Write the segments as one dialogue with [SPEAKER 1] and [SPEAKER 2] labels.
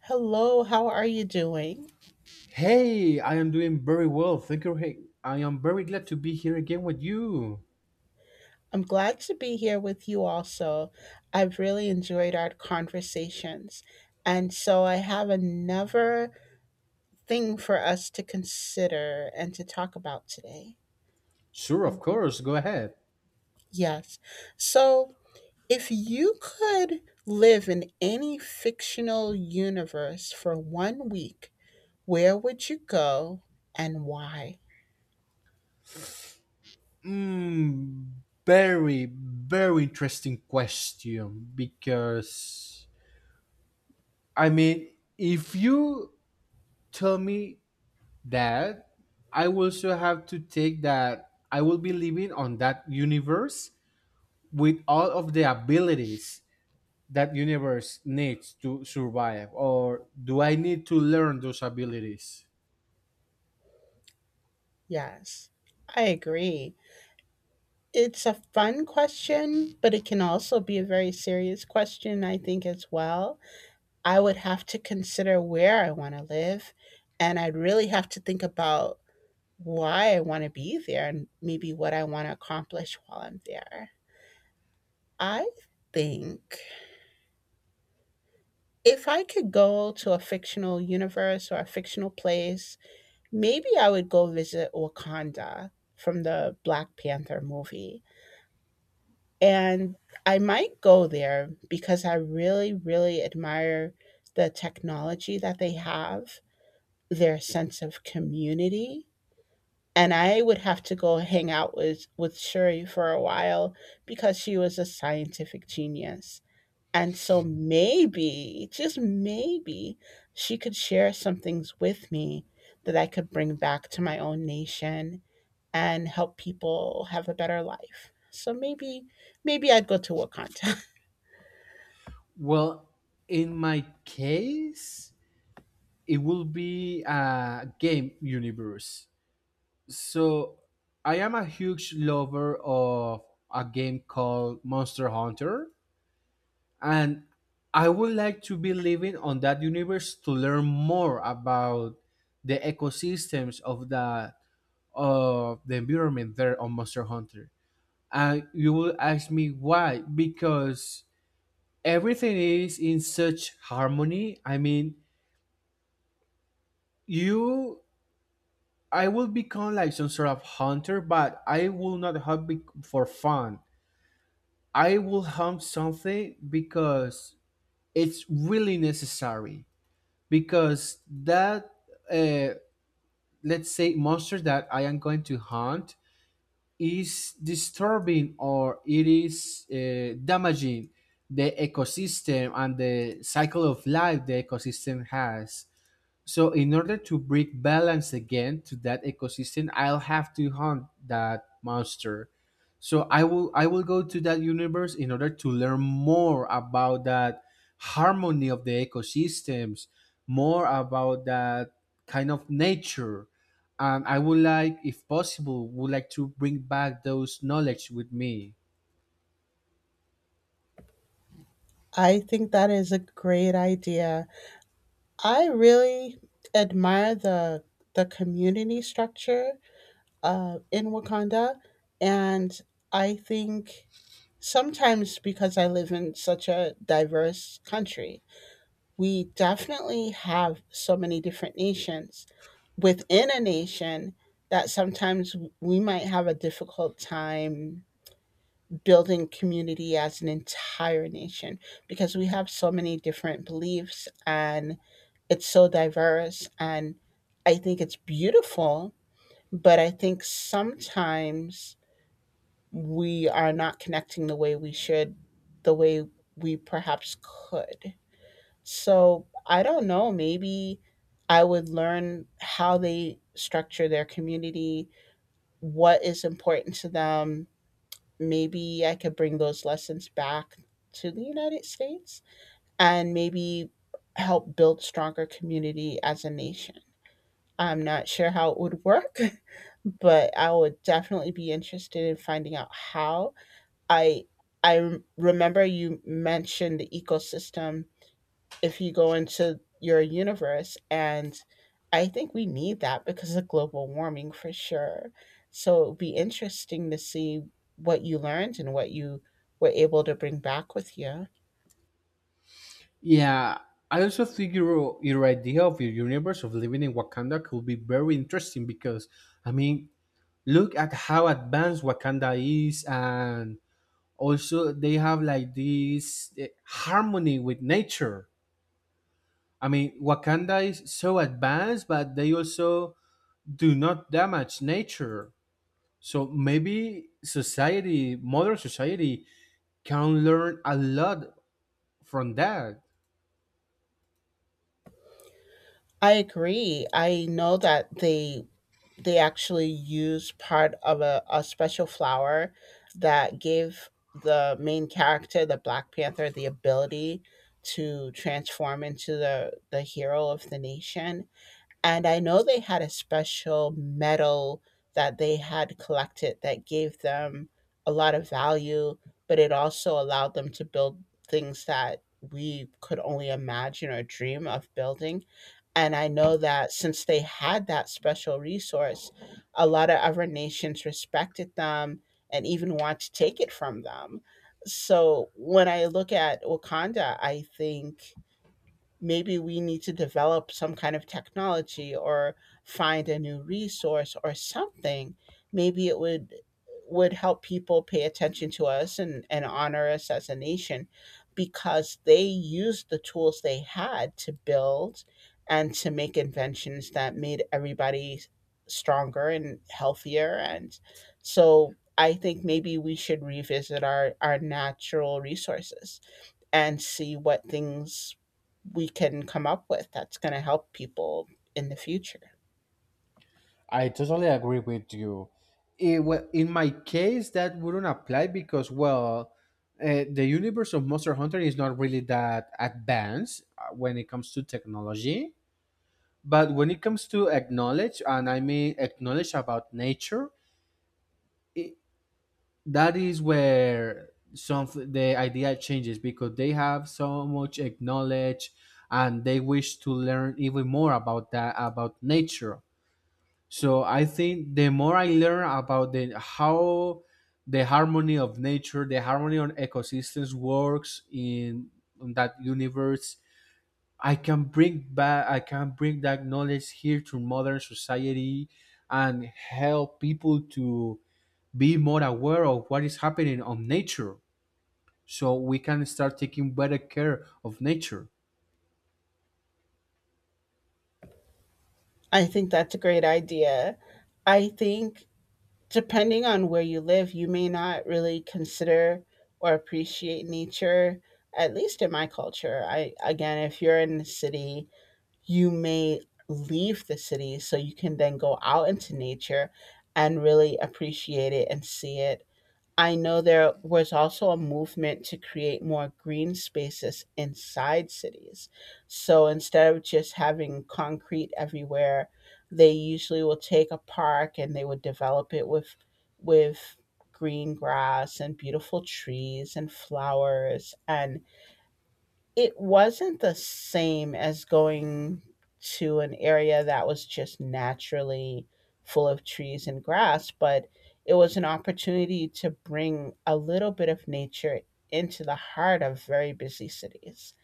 [SPEAKER 1] Hello, how are you doing?
[SPEAKER 2] Hey, I am doing very well. Thank you. Hey, I am very glad to be here again with you.
[SPEAKER 1] I'm glad to be here with you also. I've really enjoyed our conversations. And so I have another thing for us to consider and to talk about today.
[SPEAKER 2] Sure, of
[SPEAKER 1] Um,
[SPEAKER 2] course. Go ahead.
[SPEAKER 1] yes. So if you could live in any fictional universe for one week, where would you go and why?
[SPEAKER 2] Mm, very, very interesting question, because I mean, if you tell me that, I will also have to take that I will be living on that universe with all of the abilities that universe needs to survive, or do I need to learn those abilities?
[SPEAKER 1] Yes, I agree. It's a fun question, but it can also be a very serious question, I think, as well. I would have to consider where I want to live, and I'd really have to think about why I want to be there and maybe what I want to accomplish while I'm there. I think if I could go to a fictional universe or a fictional place, maybe I would go visit Wakanda from the Black Panther movie. And I might go there because I really, really admire the technology that they have, their sense of community. And I would have to go hang out with Shuri for a while because she was a scientific genius. And so maybe, just maybe, she could share some things with me that I could bring back to my own nation and help people have a better life. So maybe, maybe I'd go to Wakanda.
[SPEAKER 2] Well, in my case, it will be a game universe. So I am a huge lover of a game called Monster Hunter, and I would like to be living on that universe to learn more about the ecosystems of the environment there on Monster Hunter. And you will ask me why? Because everything is in such harmony. I mean, you I will become like some sort of hunter, but I will not for fun. I will hunt something because it's really necessary, because that, uh, let's say, monster that I am going to hunt is disturbing, or it is damaging the ecosystem and the cycle of life the ecosystem has. So in order to bring balance again to that ecosystem, I'll have to hunt that monster. So I will go to that universe in order to learn more about that harmony of the ecosystems, more about that kind of nature. And I would like, if possible, would like to bring back those knowledge with me.
[SPEAKER 1] I think that is a great idea. I really admire the community structure in Wakanda, and I think sometimes because I live in such a diverse country, we definitely have so many different nations within a nation that sometimes we might have a difficult time building community as an entire nation, because we have so many different beliefs and it's so diverse, and I think it's beautiful, but I think sometimes we are not connecting the way we should, the way we perhaps could. So I don't know, maybe I would learn how they structure their community, what is important to them. Maybe I could bring those lessons back to the United States and maybe help build stronger community as a nation. I'm not sure how it would work, but I would definitely be interested in finding out how. I I remember you mentioned the ecosystem if you go into your universe. And I think we need that because of global warming for sure. So it'll be interesting to see what you learned and what you were able to bring back with you.
[SPEAKER 2] Yeah, I also think your idea of your universe of living in Wakanda could be very interesting, because I mean, look at how advanced Wakanda is, and also they have like this harmony with nature. I mean, Wakanda is so advanced, but they also do not damage nature. So maybe society, modern society, can learn a lot from that.
[SPEAKER 1] I agree. I know that they actually used part of a special flower that gave the main character, the Black Panther, the ability to transform into the hero of the nation. And I know they had a special medal that they had collected that gave them a lot of value, but it also allowed them to build things that we could only imagine or dream of building. And I know that since they had that special resource, a lot of other nations respected them and even want to take it from them. So when I look at Wakanda, I think maybe we need to develop some kind of technology or find a new resource or something. Maybe it would help people pay attention to us, and honor us as a nation, because they used the tools they had to build and to make inventions that made everybody stronger and healthier. And so I think maybe we should revisit our natural resources and see what things we can come up with that's going to help people in the future.
[SPEAKER 2] I totally agree with you. Well, in my case, that wouldn't apply because, well, the universe of Monster Hunter is not really that advanced when it comes to technology. But when it comes to acknowledge, and I mean acknowledge about nature, it, that is where some the idea changes, because they have so much acknowledge, and they wish to learn even more about that, about nature. So I think the more I learn about the how the harmony of nature, the harmony on ecosystems works in that universe, I can bring that knowledge here to modern society and help people to be more aware of what is happening on nature. So we can start taking better care of nature.
[SPEAKER 1] I think that's a great idea. I think, depending on where you live, you may not really consider or appreciate nature, at least in my culture. I, again, if you're in the city, you may leave the city so you can then go out into nature and really appreciate it and see it. I know there was also a movement to create more green spaces inside cities. So instead of just having concrete everywhere, they usually will take a park and they would develop it with green grass and beautiful trees and flowers, and it wasn't the same as going to an area that was just naturally full of trees and grass, but it was an opportunity to bring a little bit of nature into the heart of very busy cities.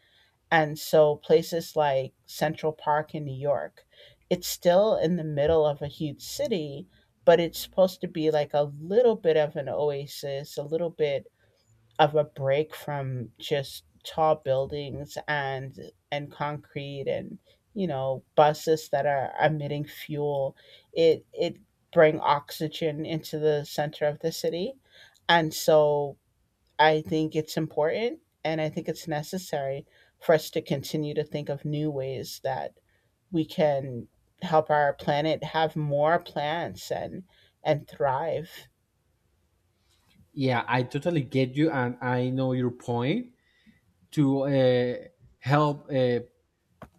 [SPEAKER 1] And so places like Central Park in New York, it's still in the middle of a huge city, but it's supposed to be like a little bit of an oasis, a little bit of a break from just tall buildings and concrete and buses that are emitting fuel. It bring oxygen into the center of the city. And so I think it's important, and I think it's necessary for us to continue to think of new ways that we can help our planet have more plants and thrive.
[SPEAKER 2] Yeah, I totally get you, and I know your point to help uh,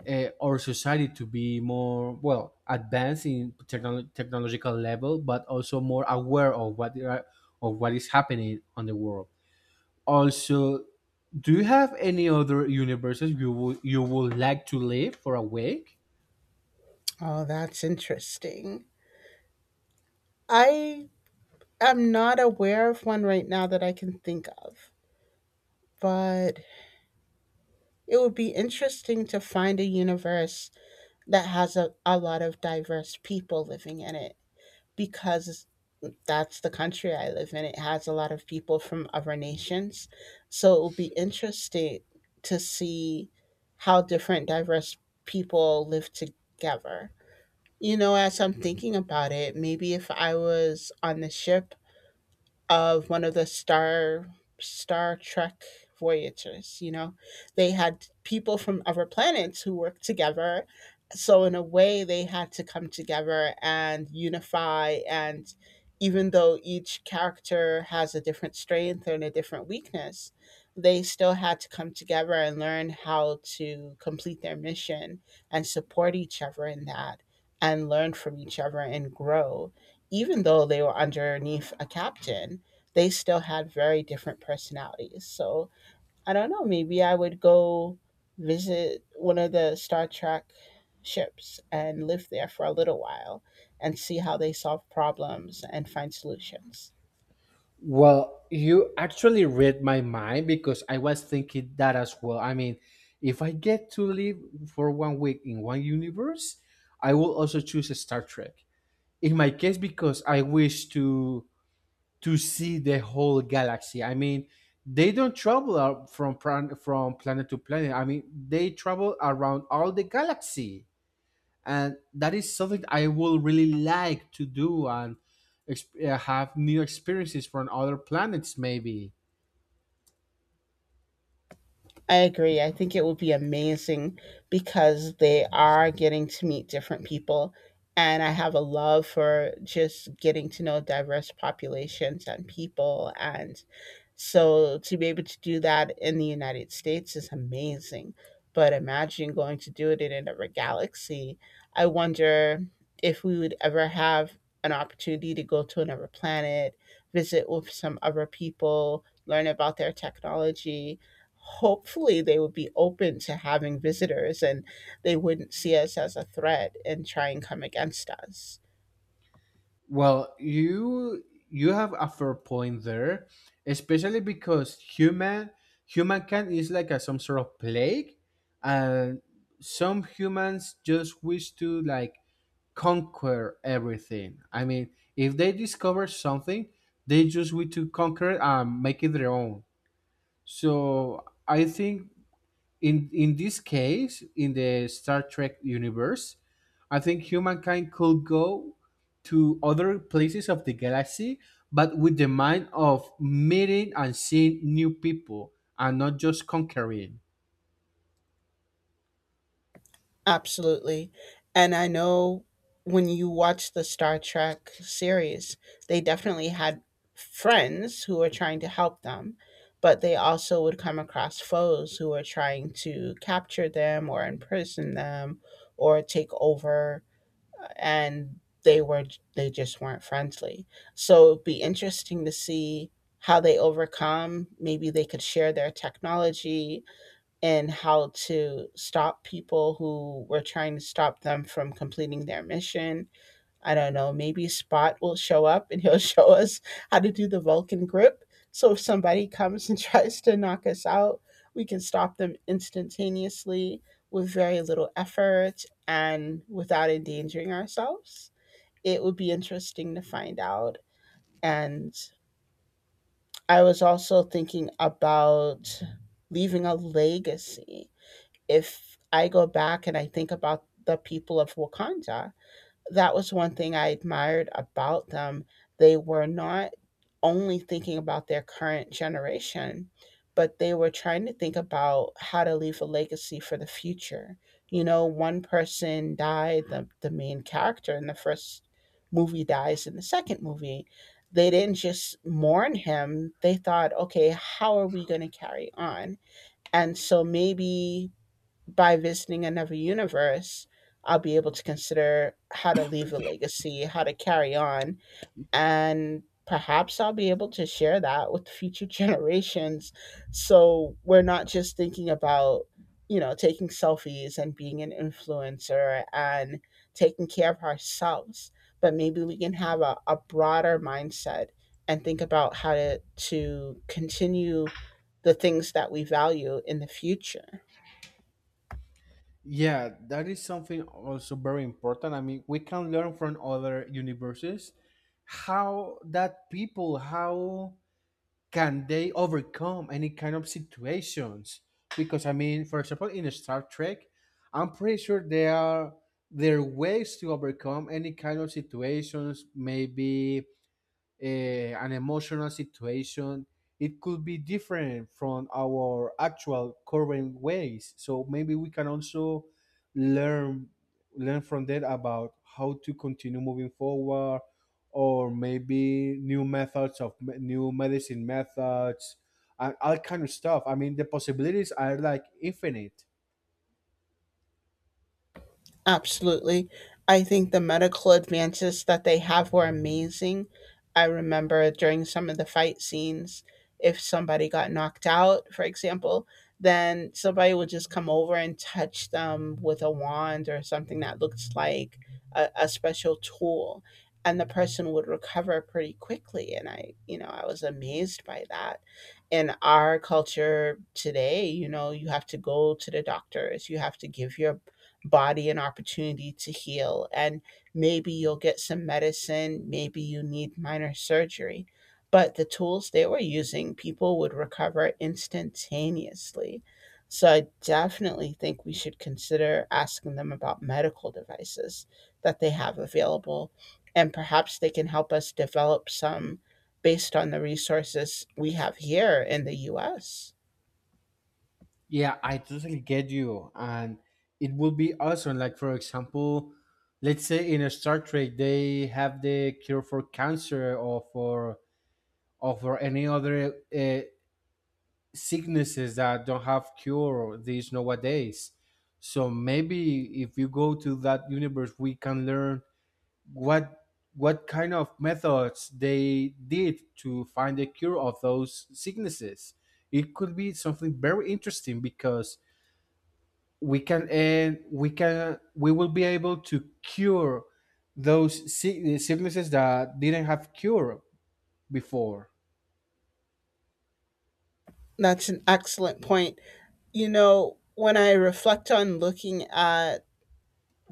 [SPEAKER 2] uh, our society to be more well advanced in technological level, but also more aware of what they are, of what is happening on the world. Also, do you have any other universes you would like to live for a week?
[SPEAKER 1] Oh, that's interesting. I I'm not aware of one right now that I can think of, but it would be interesting to find a universe that has a lot of diverse people living in it, because that's the country I live in. It has a lot of people from other nations. So it would be interesting to see how different diverse people live together. You know, as I'm thinking about it, maybe if I was on the ship of one of the Star Trek voyages. You know, they had people from other planets who worked together. So in a way, they had to come together and unify. And even though each character has a different strength and a different weakness, they still had to come together and learn how to complete their mission and support each other in that, and learn from each other and grow. Even though they were underneath a captain, they still had very different personalities. So I don't know, maybe I would go visit one of the Star Trek ships and live there for a little while and see how they solve problems and find solutions.
[SPEAKER 2] Well, you actually read my mind, because I was thinking that as well. I mean, if I get to live for one week in one universe, I will also choose Star Trek. In my case, because I wish to see the whole galaxy. I mean, they don't travel out from planet to planet. I mean, they travel around all the galaxy, and that is something I will really like to do, and have new experiences from other planets. Maybe.
[SPEAKER 1] I agree. I think it would be amazing because they are getting to meet different people. And I have a love for just getting to know diverse populations and people. And so to be able to do that in the United States is amazing. But imagine going to do it in another galaxy. I wonder if we would ever have an opportunity to go to another planet, visit with some other people, learn about their technology. Hopefully they would be open to having visitors, and they wouldn't see us as a threat and try and come against us.
[SPEAKER 2] Well, you have a fair point there, especially because humankind is like some sort of plague, and some humans just wish to like conquer everything. I mean, if they discover something, they just want to conquer it and make it their own. So I think in this case, in the Star Trek universe, I think humankind could go to other places of the galaxy, but with the mind of meeting and seeing new people, and not just conquering.
[SPEAKER 1] Absolutely. And I know, when you watch the Star Trek series, they definitely had friends who were trying to help them, but they also would come across foes who were trying to capture them or imprison them or take over, and they were they just weren't friendly. So it'd be interesting to see how they overcome. Maybe they could share their technology and how to stop people who were trying to stop them from completing their mission. I don't know, maybe Spot will show up and he'll show us how to do the Vulcan grip. So if somebody comes and tries to knock us out, we can stop them instantaneously with very little effort and without endangering ourselves. It would be interesting to find out. And I was also thinking about leaving a legacy. If I go back and I think about the people of Wakanda, that was one thing I admired about them. They were not only thinking about their current generation, but they were trying to think about how to leave a legacy for the future. You know, one person died, the main character in the first movie dies in the second movie. They didn't just mourn him, they thought, okay, how are we going to carry on? And so maybe by visiting another universe, I'll be able to consider how to leave a legacy, how to carry on, and perhaps I'll be able to share that with future generations. So we're not just thinking about taking selfies and being an influencer and taking care of ourselves, but maybe we can have a broader mindset and think about how to continue the things that we value in the future.
[SPEAKER 2] Yeah, that is something also very important. I mean, we can learn from other universes how that people how can they overcome any kind of situations? Because I mean, for example, in Star Trek, I'm pretty sure there are ways to overcome any kind of situations, maybe an emotional situation. It could be different from our actual current ways, so maybe we can also learn learn from that about how to continue moving forward, or maybe new methods of new medicine methods and all kind of stuff. I mean, the possibilities are like infinite.
[SPEAKER 1] Absolutely. I think the medical advances that they have were amazing. I remember during some of the fight scenes, if somebody got knocked out, for example, then somebody would just come over and touch them with a wand or something that looks like a special tool. And the person would recover pretty quickly. And I was amazed by that. In our culture today, you have to go to the doctors, you have to give your body an opportunity to heal. And maybe you'll get some medicine, maybe you need minor surgery. But the tools they were using, people would recover instantaneously. So I definitely think we should consider asking them about medical devices that they have available. And perhaps they can help us develop some based on the resources we have here in the US.
[SPEAKER 2] Yeah, I totally get you. And it would be awesome. Like, for example, let's say in a Star Trek, they have the cure for cancer, or for any other sicknesses that don't have cure these nowadays. So maybe if you go to that universe, we can learn what what kind of methods they did to find a cure of those sicknesses. It could be something very interesting, because we can and we can we will be able to cure those sicknesses that didn't have cure before.
[SPEAKER 1] That's an excellent point. When I reflect on looking at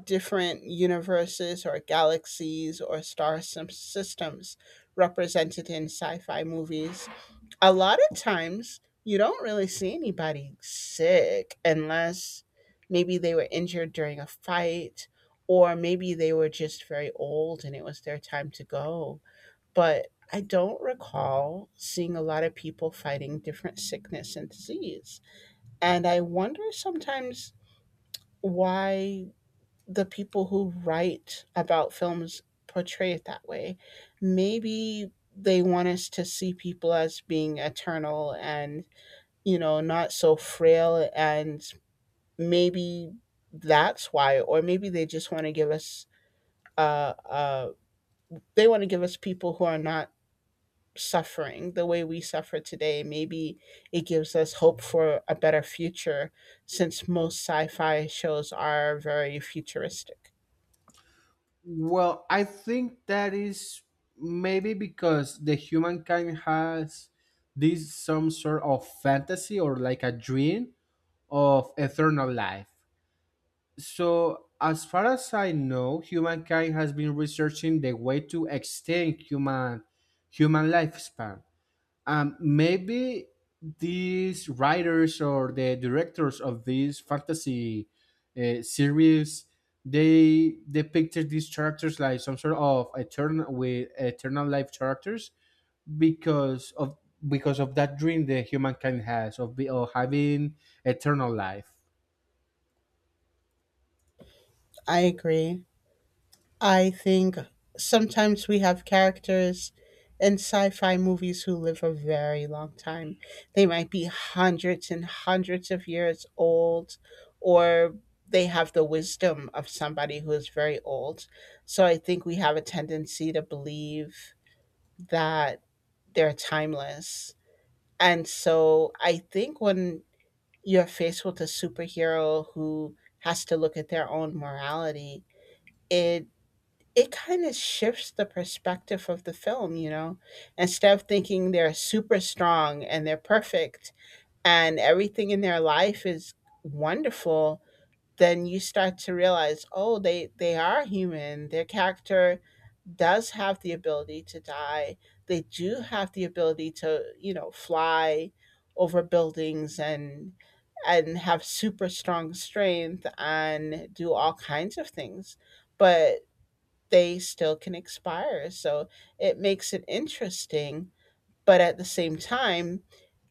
[SPEAKER 1] different universes or galaxies or systems represented in sci fi movies, a lot of times you don't really see anybody sick unless maybe they were injured during a fight, or maybe they were just very old and it was their time to go. But I don't recall seeing a lot of people fighting different sickness and disease. And I wonder sometimes why the people who write about films portray it that way. Maybe they want us to see people as being eternal and, not so frail. And maybe that's why, or maybe they just want to give us, uh, uh, they want to give us people who are not suffering the way we suffer today. Maybe it gives us hope for a better future, since most sci fi shows are very futuristic.
[SPEAKER 2] Well, I think that is maybe because the humankind has this, some sort of fantasy, or like a dream of eternal life. So as far as I know, humankind has been researching the way to extend human lifespan. Maybe these writers or the directors of these fantasy series, they depicted these characters like some sort of eternal, with eternal life characters, because of that dream that humankind has of, of having eternal life.
[SPEAKER 1] I agree. I think sometimes we have characters in sci fi movies who live a very long time. They might be hundreds and hundreds of years old, or they have the wisdom of somebody who is very old. So I think we have a tendency to believe that they're timeless. And so I think when you're faced with a superhero who has to look at their own morality, it it kind of shifts the perspective of the film. Instead of thinking they're super strong and they're perfect and everything in their life is wonderful, then you start to realize, oh, they are human. Their character does have the ability to die. They do have the ability to, fly over buildings and have super strong strength and do all kinds of things, but they still can expire. So it makes it interesting, but at the same time,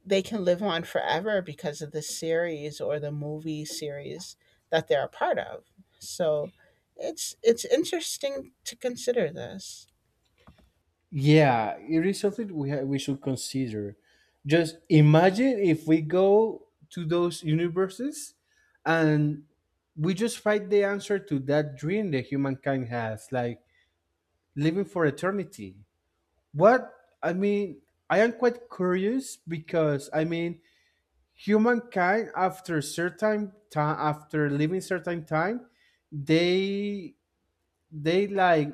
[SPEAKER 1] they can live on forever because of the series or the movie series that they're a part of. So it's interesting to consider this.
[SPEAKER 2] Yeah, it is something we should consider. Just imagine if we go to those universes and we just find the answer to that dream that humankind has, like living for eternity. What I mean, I am quite curious, because I mean, humankind after certain time, after living certain time, they they like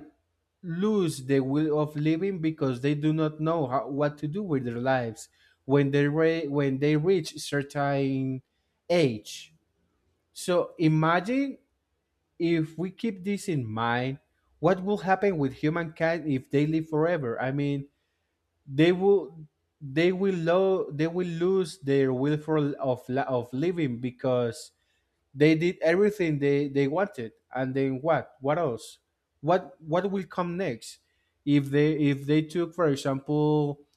[SPEAKER 2] lose the will of living, because they do not know how, what to do with their lives when when they reach certain age. So imagine, if we keep this in mind, what will happen with humankind if they live forever? I mean, they will they will lose their will of living, because they did everything they wanted, and then what? What else? What will come next? If they took, for example,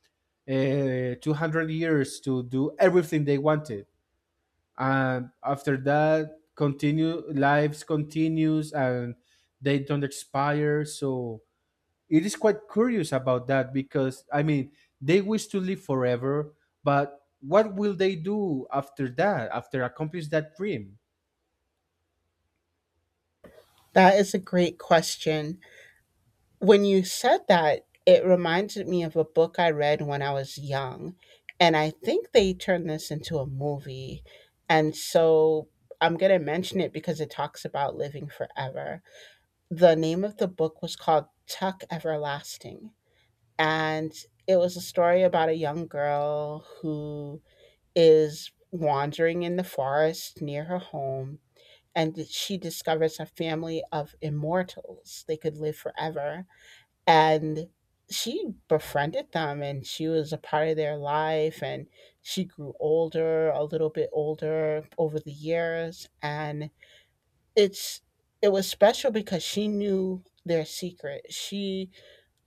[SPEAKER 2] 200 years to do everything they wanted, and after that, continue, lives continues, and they don't expire. So it is quite curious about that, because I mean, they wish to live forever, but what will they do after that? After accomplish that dream?
[SPEAKER 1] That is a great question. When you said that, it reminded me of a book I read when I was young, and I think they turned this into a movie. And so I'm going to mention it because it talks about living forever. The name of the book was called Tuck Everlasting. And it was a story about a young girl who is wandering in the forest near her home, and she discovers a family of immortals. They could live forever, and she befriended them and she was a part of their life. And she grew older a little bit older over the years. And it's it was special because she knew their secret. She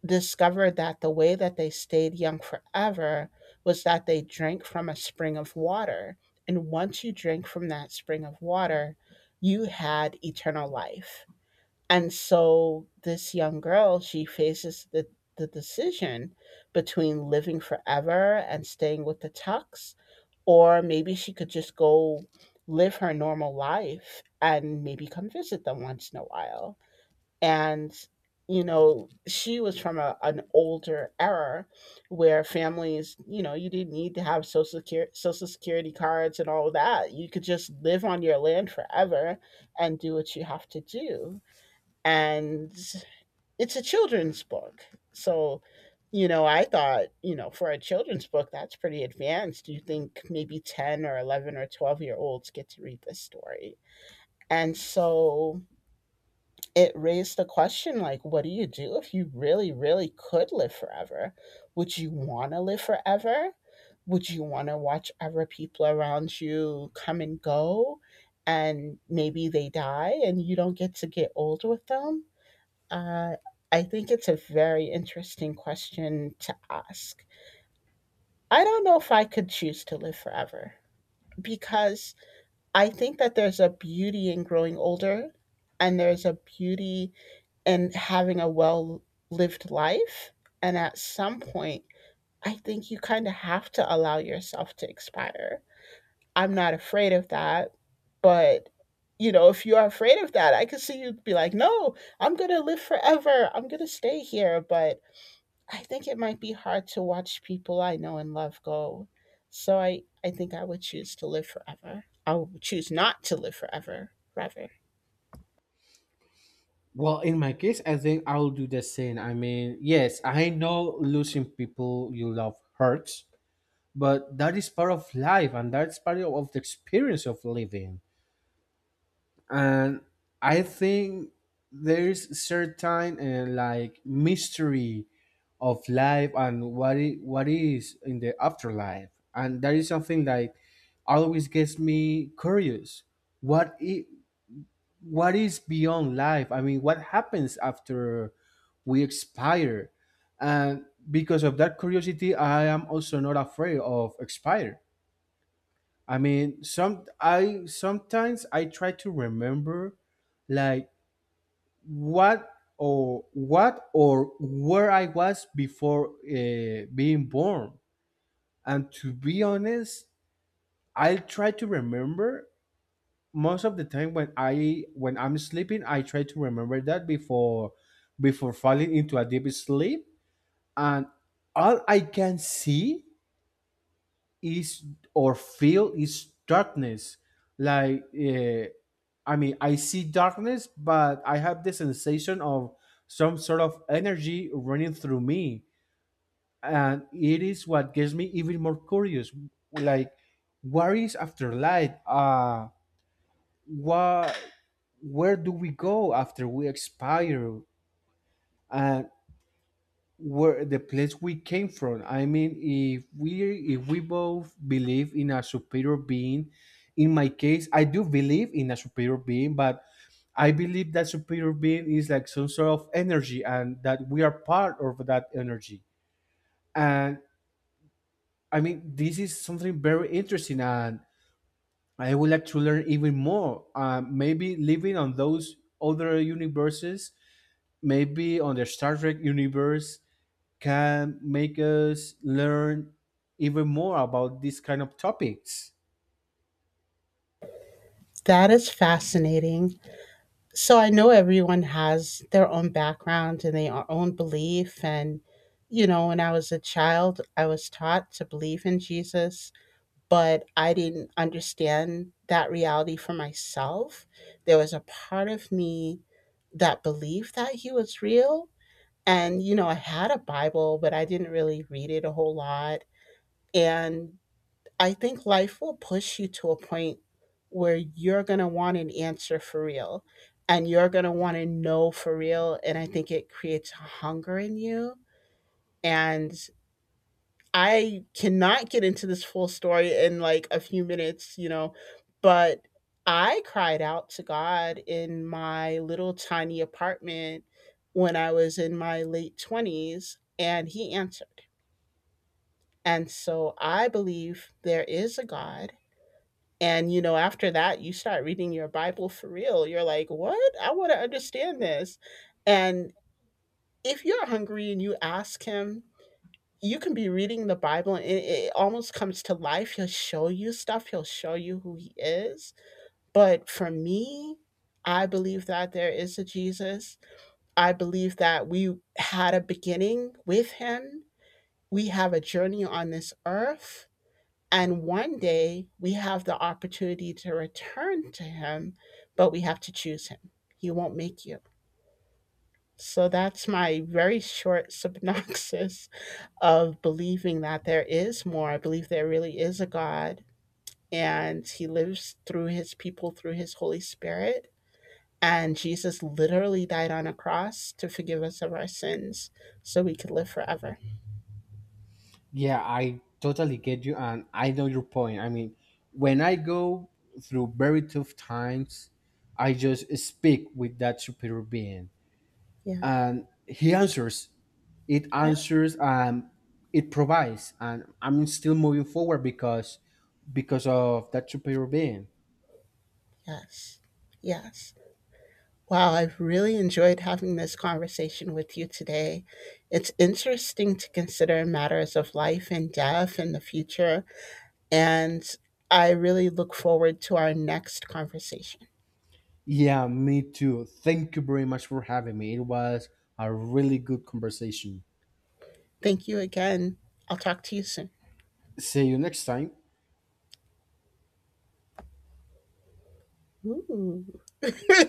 [SPEAKER 1] discovered that the way that they stayed young forever was that they drank from a spring of water. And once you drank from that spring of water, you had eternal life. And so this young girl, she faces the decision between living forever and staying with the Tux, or maybe she could just go live her normal life and maybe come visit them once in a while. And she was from an older era where families, you didn't need to have social security cards and all that. You could just live on your land forever and do what you have to do. And it's a children's book, so I thought for a children's book that's pretty advanced. Do you think maybe 10 or 11 or 12-year-olds get to read this story? And so it raised the question, like, what do you do if you really could live forever? Would you want to live forever? Would you want to watch other people around you come and go, and maybe they die and you don't get to get old with them? uh, I think it's a very interesting question to ask. I don't know if I could choose to live forever, because I think that there's a beauty in growing older, and there's a beauty and having a well lived life. And at some point, I think you kind of have to allow yourself to expire. I'm not afraid of that, but if you are afraid of that, I could see you be like, "No, I'm going to live forever. I'm going to stay here." But I think it might be hard to watch people I know and love go. So I think I would choose to live forever. I would choose not to live forever, rather.
[SPEAKER 2] Well, in my case, I think I'll do the same. I mean, yes, I know losing people you love hurts, but that is part of life and that's part of the experience of living. And I think there's certain, like, mystery of life and what is in the afterlife. And that is something that always gets me curious. What if, what is beyond life? I mean, what happens after we expire? And because of that curiosity, I am also not afraid of expire. I mean, sometimes I try to remember, like, what or where I was before being born. And to be honest, I try to remember most of the time when I when I'm sleeping. I try to remember that before falling into a deep sleep. And all I can see is or feel is darkness. Like, I mean, I see darkness, but I have the sensation of some sort of energy running through me, and it is what gets me even more curious. Like, what is after light? What? Where do we go after we expire? And where the place we came from. I mean, if we both believe in a superior being, in my case, I do believe in a superior being. But I believe that superior being is like some sort of energy, and that we are part of that energy. And I mean, this is something very interesting, and I would like to learn even more. Maybe living on those other universes, maybe on the Star Trek universe, can make us learn even more about these kind of topics.
[SPEAKER 1] That is fascinating. So I know everyone has their own background and their own belief. And, when I was a child, I was taught to believe in Jesus, but I didn't understand that reality for myself. There was a part of me that believed that he was real. And, I had a Bible, but I didn't really read it a whole lot. And I think life will push you to a point where you're going to want an answer for real, and you're going to want to know for real. And I think it creates a hunger in you. And I cannot get into this full story in like a few minutes, but I cried out to God in my little tiny apartment when I was in my late 20s, and he answered. And so I believe there is a God. And, after that, you start reading your Bible for real. You're like, what? I want to understand this. And if you're hungry and you ask him, you can be reading the Bible and it almost comes to life. He'll show you stuff, he'll show you who he is. But for me, I believe that there is a Jesus. I believe that we had a beginning with him. We have a journey on this earth, and one day we have the opportunity to return to him, but we have to choose him. He won't make you. So that's my very short synopsis of believing that there is more. I believe there really is a God, and he lives through his people through his Holy Spirit. And Jesus literally died on a cross to forgive us of our sins so we could live forever.
[SPEAKER 2] Yeah, I totally get you, and I know your point. I mean, when I go through very tough times, I just speak with that superior being,
[SPEAKER 1] Yeah.
[SPEAKER 2] and he answers. It
[SPEAKER 1] Yeah.
[SPEAKER 2] answers, and it provides, and I'm still moving forward, because of that superior being.
[SPEAKER 1] Yes. Yes. Wow, I've really enjoyed having this conversation with you today. It's interesting to consider matters of life and death in the future, and I really look forward to our next conversation.
[SPEAKER 2] Yeah, me too. Thank you very much for having me. It was a really good conversation.
[SPEAKER 1] Thank you again. I'll talk to you soon.
[SPEAKER 2] See you next time.
[SPEAKER 1] Ooh.